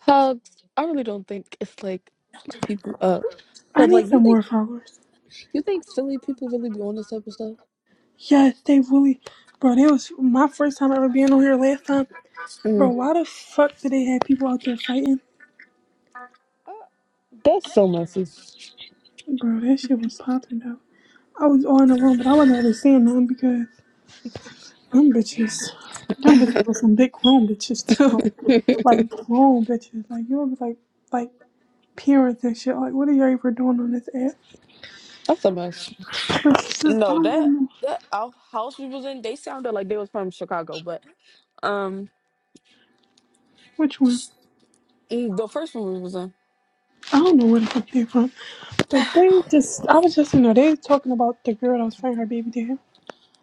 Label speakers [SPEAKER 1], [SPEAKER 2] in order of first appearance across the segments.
[SPEAKER 1] Hugs, I really don't think it's like people up.
[SPEAKER 2] I
[SPEAKER 1] Cause like
[SPEAKER 2] need
[SPEAKER 1] you
[SPEAKER 2] some
[SPEAKER 1] think
[SPEAKER 2] more followers.
[SPEAKER 1] you think silly people really be on this type of stuff?
[SPEAKER 2] Yes, they really, bro. That was my first time ever being on here. Last time, bro.
[SPEAKER 1] Mm,
[SPEAKER 2] Why the fuck did they have people out there fighting,
[SPEAKER 1] that's so messy.
[SPEAKER 2] bro? That shit was popping though. I was all in the room, but I wasn't really seeing none because them bitches, them bitches were some big grown bitches too,
[SPEAKER 1] that's
[SPEAKER 2] like grown bitches. Like you know, it was like like parents and shit. Like what are y'all even doing on this app?
[SPEAKER 1] so much.
[SPEAKER 2] But, she said, I
[SPEAKER 1] No,
[SPEAKER 2] don't have
[SPEAKER 1] that
[SPEAKER 2] no-
[SPEAKER 1] that our house we was in, they sounded like they was from Chicago, but um,
[SPEAKER 2] Which one?
[SPEAKER 1] mm, the first one we was in,
[SPEAKER 2] I don't know where the fuck they're from, but they just, I was just, you know, they talking about the girl that was fighting her baby dad.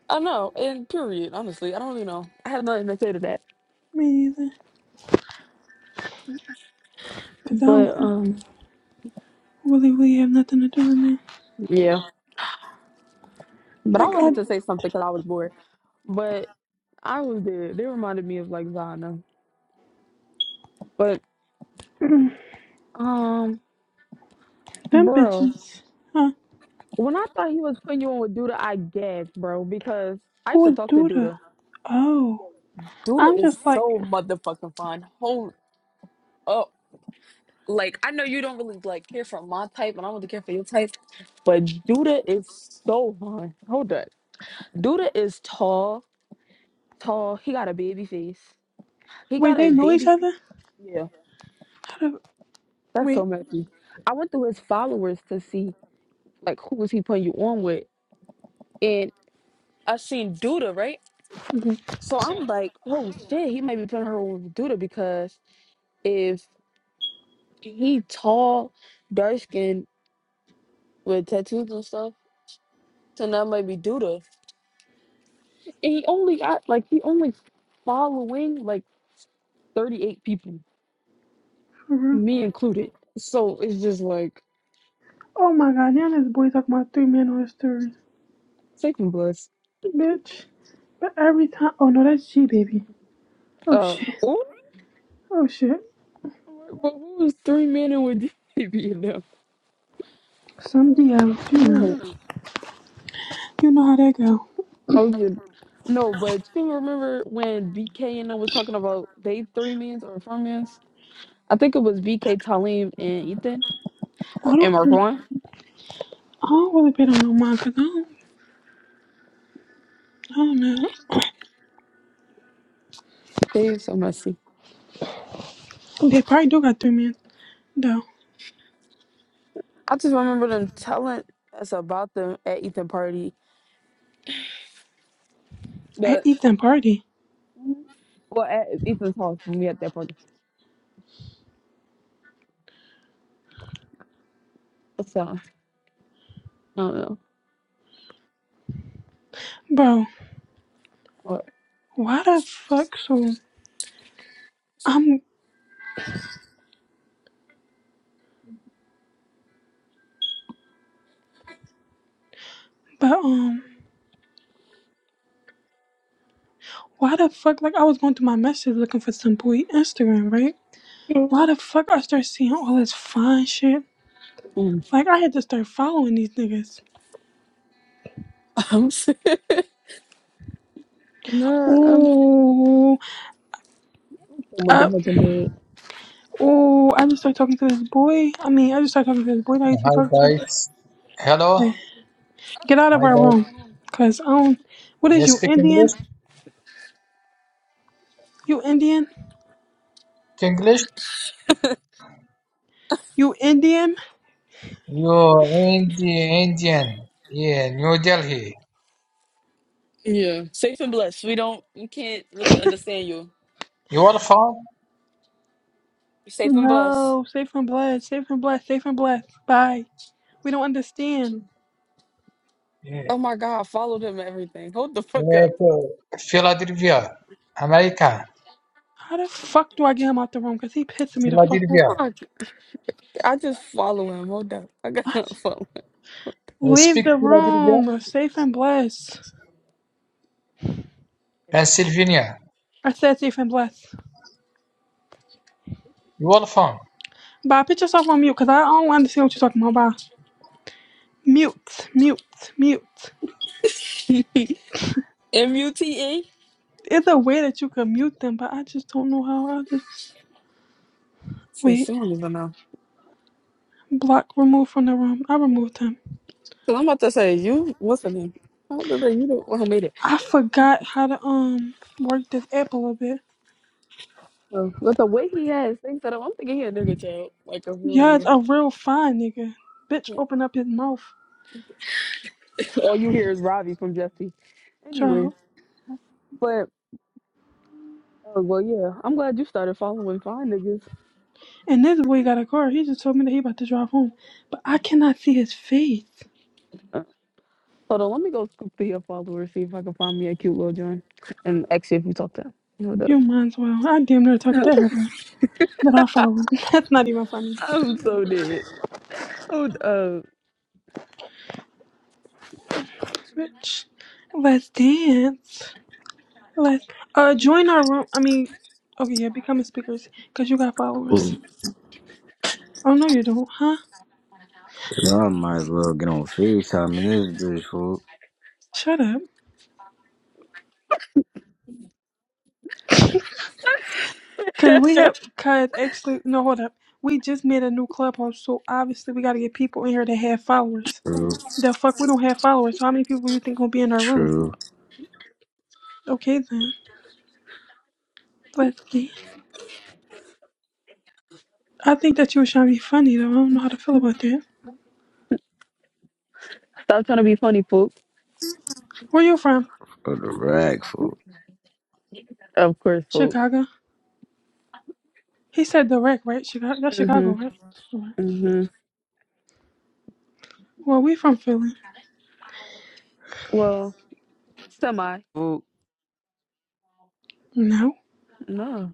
[SPEAKER 1] I know. And period, honestly, I don't really know. I had nothing to say to that,
[SPEAKER 2] Me neither. Because I
[SPEAKER 1] but
[SPEAKER 2] don't
[SPEAKER 1] um,
[SPEAKER 2] really, really have nothing to do with me.
[SPEAKER 1] yeah. But I
[SPEAKER 2] Like, I,
[SPEAKER 1] wanted to say something because I was bored. But I was there. They reminded me of like Zana. but. Um,
[SPEAKER 2] them
[SPEAKER 1] bro,
[SPEAKER 2] bitches. Huh?
[SPEAKER 1] when I thought he was putting you on with Duda, I gagged, bro, because I
[SPEAKER 2] Who
[SPEAKER 1] used to
[SPEAKER 2] would
[SPEAKER 1] talk to
[SPEAKER 2] do that?
[SPEAKER 1] Duda.
[SPEAKER 2] Oh.
[SPEAKER 1] Duda
[SPEAKER 2] I'm
[SPEAKER 1] is
[SPEAKER 2] just like,
[SPEAKER 1] so motherfucking fun. Hold up. Like I know you don't really like care for my type, and I don't really care for your type, But Duda is so fun. Hold up. Duda is tall, tall. He got a baby face. He
[SPEAKER 2] wait,
[SPEAKER 1] got
[SPEAKER 2] they
[SPEAKER 1] a
[SPEAKER 2] know each
[SPEAKER 1] baby.
[SPEAKER 2] other?
[SPEAKER 1] Yeah,
[SPEAKER 2] How the-
[SPEAKER 1] that's so
[SPEAKER 2] Wait.
[SPEAKER 1] messy. I went through his followers to see like who was he putting you on with. And I seen Duda, right?
[SPEAKER 2] Okay.
[SPEAKER 1] So I'm like, oh shit, he might be putting her on Duda because if he tall, dark skinned with tattoos and stuff, then that might be Duda. And he only got like he only following like 38 people,
[SPEAKER 2] for real?
[SPEAKER 1] me included. So it's just like
[SPEAKER 2] Oh my god, now this boy talking about three men on his story.
[SPEAKER 1] safe and blessed.
[SPEAKER 2] Bitch. But every time, oh no, that's G, baby. Oh
[SPEAKER 1] Uh
[SPEAKER 2] shit.
[SPEAKER 1] oh,
[SPEAKER 2] Oh shit.
[SPEAKER 1] but who is three men and with DB in them?
[SPEAKER 2] Some DL, you
[SPEAKER 1] No,
[SPEAKER 2] know. You know how that go.
[SPEAKER 1] I was just- no, but you remember when BK and I was talking about they three men's or four men's? I think it was BK Talim and Ethan or
[SPEAKER 2] I
[SPEAKER 1] and
[SPEAKER 2] don't,
[SPEAKER 1] Marquan.
[SPEAKER 2] I don't really bet on no cause I don't, I don't know.
[SPEAKER 1] They are so messy.
[SPEAKER 2] They probably do got three men though
[SPEAKER 1] I just remember them telling us about them at Ethan party,
[SPEAKER 2] at
[SPEAKER 1] but
[SPEAKER 2] Ethan party,
[SPEAKER 1] well, at Ethan's house when we had that party. So I don't know.
[SPEAKER 2] bro.
[SPEAKER 1] What?
[SPEAKER 2] Why the fuck? So I'm, but um, why the fuck? Like I was going through my messages looking for some boy Instagram, right? Why the fuck I start seeing all this fine shit?
[SPEAKER 1] Mm.
[SPEAKER 2] Like I had to start following these niggas.
[SPEAKER 1] I'm sick. Nah, I'm sick
[SPEAKER 2] Ooh,
[SPEAKER 1] of
[SPEAKER 2] uh,
[SPEAKER 1] motherfucking dead.
[SPEAKER 2] ooh! I just started talking to this boy. I mean, I just started talking to this boy that I used to
[SPEAKER 3] Hi
[SPEAKER 2] talk to.
[SPEAKER 3] guys. Hello.
[SPEAKER 2] Like, Get out of
[SPEAKER 3] Hi
[SPEAKER 2] our
[SPEAKER 3] guys.
[SPEAKER 2] room. Cause um what is
[SPEAKER 3] You
[SPEAKER 2] you
[SPEAKER 3] speak
[SPEAKER 2] Indian?
[SPEAKER 3] English?
[SPEAKER 2] You Indian?
[SPEAKER 3] Speak English?
[SPEAKER 2] You Indian?
[SPEAKER 3] You Indi Indian. Yeah, New Delhi.
[SPEAKER 1] Yeah, safe and blessed. We don't, we can't really understand you.
[SPEAKER 3] You are from?
[SPEAKER 1] You're safe and blessed.
[SPEAKER 2] No, safe and blessed, safe and blessed, safe and blessed. Bye. We don't understand.
[SPEAKER 3] Yeah.
[SPEAKER 1] Oh my God, I followed him and everything. Hold the fuck up.
[SPEAKER 3] uh, Philadelphia, America.
[SPEAKER 2] How the fuck do I get him out the room? Cause he pissing me the fuck
[SPEAKER 3] Philadelphia.
[SPEAKER 1] Oh my- I just follow him. Hold up. I gotta
[SPEAKER 2] off.
[SPEAKER 1] follow
[SPEAKER 3] You
[SPEAKER 2] Leave
[SPEAKER 3] speak
[SPEAKER 2] the
[SPEAKER 3] Philadelphia?
[SPEAKER 2] room. We're Safe and blessed.
[SPEAKER 3] Pennsylvania.
[SPEAKER 2] I said safe and blessed.
[SPEAKER 3] You are from?
[SPEAKER 2] Bye, put yourself on mute, cause I don't understand what you're talking about. Bye. Mute, mute, mute.
[SPEAKER 1] him. M U T E?
[SPEAKER 2] There's a way that you can mute them, but I just don't know how. I just
[SPEAKER 1] Shit,
[SPEAKER 2] wait.
[SPEAKER 1] She don't even know.
[SPEAKER 2] Block, remove from the room. I removed him.
[SPEAKER 1] Cause I'm about to say you. What's her name? I'm about to say you the one who made it.
[SPEAKER 2] I forgot how to um work this app a little bit.
[SPEAKER 1] Oh, but the way he has things set up, I'm thinking he a nigga child, like a real
[SPEAKER 2] Yeah, it's
[SPEAKER 1] nigga.
[SPEAKER 2] a real fine nigga. Bitch
[SPEAKER 1] Yeah.
[SPEAKER 2] open up his mouth,
[SPEAKER 1] All you hear is Robbie from Jesse. Anyway,
[SPEAKER 2] child.
[SPEAKER 1] but oh well, yeah. I'm glad you started following fine niggas.
[SPEAKER 2] And this boy got a car. He just told me that he about to drive home. But I cannot see his face.
[SPEAKER 1] Uh, hold on, let me go scoop through your followers, see if I can find me a cute little joint, and ask you if you talk to him. Hold up.
[SPEAKER 2] You might as well. I damn near talked to everybody that I follow. That's not even funny.
[SPEAKER 1] I'm so dead. Oh, uh,
[SPEAKER 2] Bitch. Let's dance. Let's uh join our room. I mean okay, yeah, become a speakers, cause you got followers.
[SPEAKER 4] Ooh,
[SPEAKER 2] Oh no you don't, huh?
[SPEAKER 4] I might as well get on FaceTime in this bitch, fool.
[SPEAKER 2] Shut up. Cause we have, cause actually, no, hold up. We just made a new clubhouse, so obviously we gotta get people in here that have followers.
[SPEAKER 4] True,
[SPEAKER 2] The fuck, we don't have followers. So how many people you think gonna be in our room?
[SPEAKER 4] true.
[SPEAKER 2] Okay then, let's see. I think that you was trying to be funny though. I don't know how to feel about that.
[SPEAKER 1] stop trying to be funny, folks.
[SPEAKER 2] Where you from?
[SPEAKER 4] For the rack, fool.
[SPEAKER 1] Of course, folks.
[SPEAKER 2] Chicago. He said direct, right? Chicago. That's
[SPEAKER 1] Mm-hmm.
[SPEAKER 2] Chicago, right? Sure.
[SPEAKER 1] hmm
[SPEAKER 2] Well, we from Philly.
[SPEAKER 1] Well, semi.
[SPEAKER 4] Fool.
[SPEAKER 2] No.
[SPEAKER 1] No.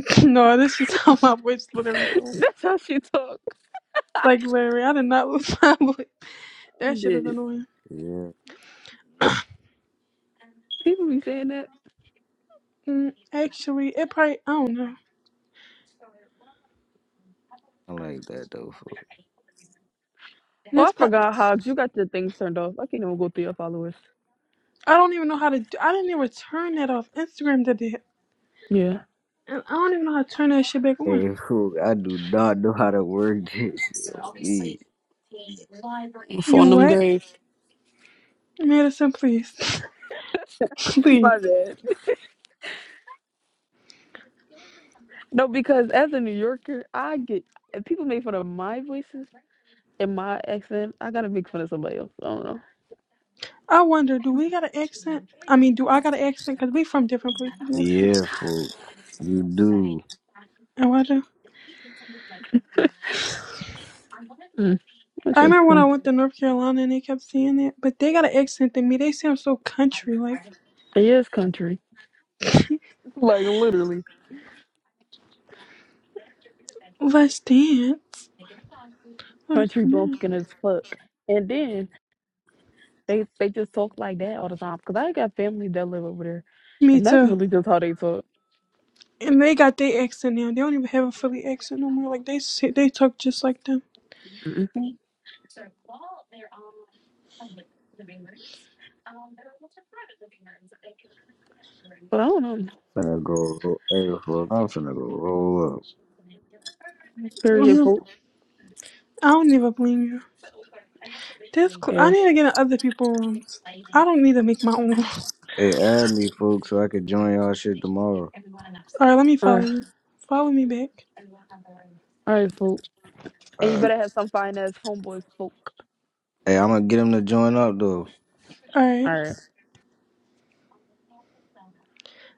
[SPEAKER 2] no, this is how my voice literally sounds.
[SPEAKER 1] That's how she talk.
[SPEAKER 2] Like literally, I did not lose my voice. That shit is
[SPEAKER 1] Bitch.
[SPEAKER 2] annoying.
[SPEAKER 4] Yeah,
[SPEAKER 1] People be saying that.
[SPEAKER 2] Mm, actually, it probably I don't know.
[SPEAKER 4] I like that, though, fool.
[SPEAKER 1] Well,
[SPEAKER 2] This
[SPEAKER 1] I
[SPEAKER 2] pa-
[SPEAKER 1] forgot, Hobbs. You got your things turned off. I can't even go through your followers.
[SPEAKER 2] I don't even know how to. Do- I didn't even turn that off. Instagram did it,
[SPEAKER 1] Yeah.
[SPEAKER 2] and I don't even know how to turn that shit back on.
[SPEAKER 4] Hey, fool, I do not know how to work this shit on me.
[SPEAKER 2] You
[SPEAKER 1] Phone them
[SPEAKER 2] what,
[SPEAKER 1] grave.
[SPEAKER 2] Madison? Please, please.
[SPEAKER 1] My bad. No, because as a New Yorker, I get if people make fun of my voices and my accent, I gotta make fun of somebody else. I don't know.
[SPEAKER 2] I wonder, do we got an accent? I mean, do I got an accent? Cause we from different places, Madison.
[SPEAKER 4] Yeah, fool. You do.
[SPEAKER 2] I wonder.
[SPEAKER 1] Mm, that's
[SPEAKER 2] I
[SPEAKER 1] your
[SPEAKER 2] remember when I
[SPEAKER 1] thing.
[SPEAKER 2] went to North Carolina and they kept saying that, but they got an accent than me. They sound so country, like
[SPEAKER 1] It is country. Like literally.
[SPEAKER 2] let's dance. Let's
[SPEAKER 1] Country
[SPEAKER 2] dance.
[SPEAKER 1] bumpkin as fuck. And then They they just talk like that all the time. Cause I got family that live over there,
[SPEAKER 2] Me
[SPEAKER 1] and that's
[SPEAKER 2] too.
[SPEAKER 1] really just how they talk.
[SPEAKER 2] And they got their accent now. They don't even have a Philly accent no more. Like they sit, they talk just like them.
[SPEAKER 1] Mm-mm. But I don't know.
[SPEAKER 4] Finna go, ro- hey, fool, I'm finna go roll up.
[SPEAKER 1] Period,
[SPEAKER 2] Mhm.
[SPEAKER 1] fool.
[SPEAKER 2] I don't even blame you. This cl- I
[SPEAKER 1] Yeah.
[SPEAKER 2] need to get in other people's rooms. I don't need to make my own.
[SPEAKER 4] Hey, add me, folks, so I can join y'all shit tomorrow.
[SPEAKER 2] All right, let me
[SPEAKER 1] All
[SPEAKER 2] follow
[SPEAKER 1] right.
[SPEAKER 2] you. Follow me back.
[SPEAKER 1] All right, fool. And you
[SPEAKER 4] Alright.
[SPEAKER 1] better have some fine ass homeboys, folk.
[SPEAKER 4] Hey, I'm gonna get him to join up, though.
[SPEAKER 2] All right,
[SPEAKER 1] All right.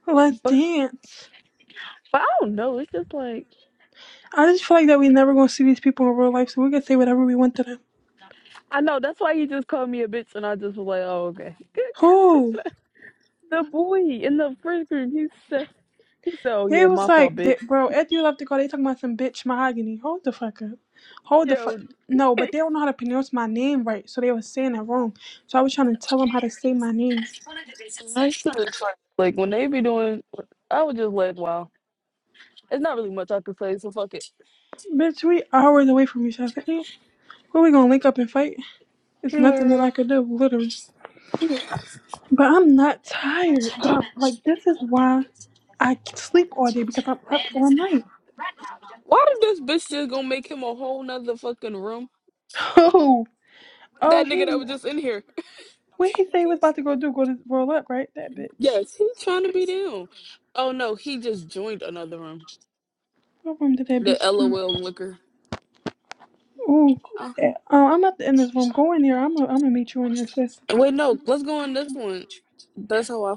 [SPEAKER 2] let's
[SPEAKER 1] But
[SPEAKER 2] dance.
[SPEAKER 1] but I don't know. It's just like
[SPEAKER 2] I just feel like that we never gonna see these people in real life, so we can say whatever we want to them.
[SPEAKER 1] I know. That's why you just called me a bitch, and I just was like, oh okay.
[SPEAKER 2] Who?
[SPEAKER 1] the boy in the first group, he said he said, oh
[SPEAKER 2] They
[SPEAKER 1] yeah,
[SPEAKER 2] was
[SPEAKER 1] my fault,
[SPEAKER 2] like,
[SPEAKER 1] bitch.
[SPEAKER 2] they, bro, after you left the call, they talking about some bitch mahogany. Hold the fuck up. Hold the fuck.
[SPEAKER 1] Yo.
[SPEAKER 2] No, but they don't know how to pronounce my name right, so they was saying it wrong. So I was trying to tell them how to say my name.
[SPEAKER 1] That's true. It's Like like, when they be doing, I was just like, wow, it's not really much I could say, so fuck it.
[SPEAKER 2] Bitch, we hours away from each other. Ain't- Where we gonna link up and fight? It's nothing that I could do, literally. But I'm not tired. But like this is why I sleep all day because I'm up all night.
[SPEAKER 1] Why did this bitch just gonna make him a whole nother fucking room?
[SPEAKER 2] Oh, oh,
[SPEAKER 1] That nigga
[SPEAKER 2] he
[SPEAKER 1] that was just in here.
[SPEAKER 2] what he say he was about to go do? Go to roll up, right? That bitch.
[SPEAKER 1] Yes, he's trying to be down. Oh no, he just joined another room.
[SPEAKER 2] What room did that
[SPEAKER 1] The
[SPEAKER 2] bitch do?
[SPEAKER 1] LOL liquor.
[SPEAKER 2] Ooh,
[SPEAKER 1] Oh,
[SPEAKER 2] yeah, uh, I'm not in this room. Go in there. I'm gonna I'm gonna meet you in there, sis.
[SPEAKER 1] wait, no, let's go on this one. That's how I.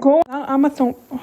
[SPEAKER 2] Go. I, I'm gonna. Th-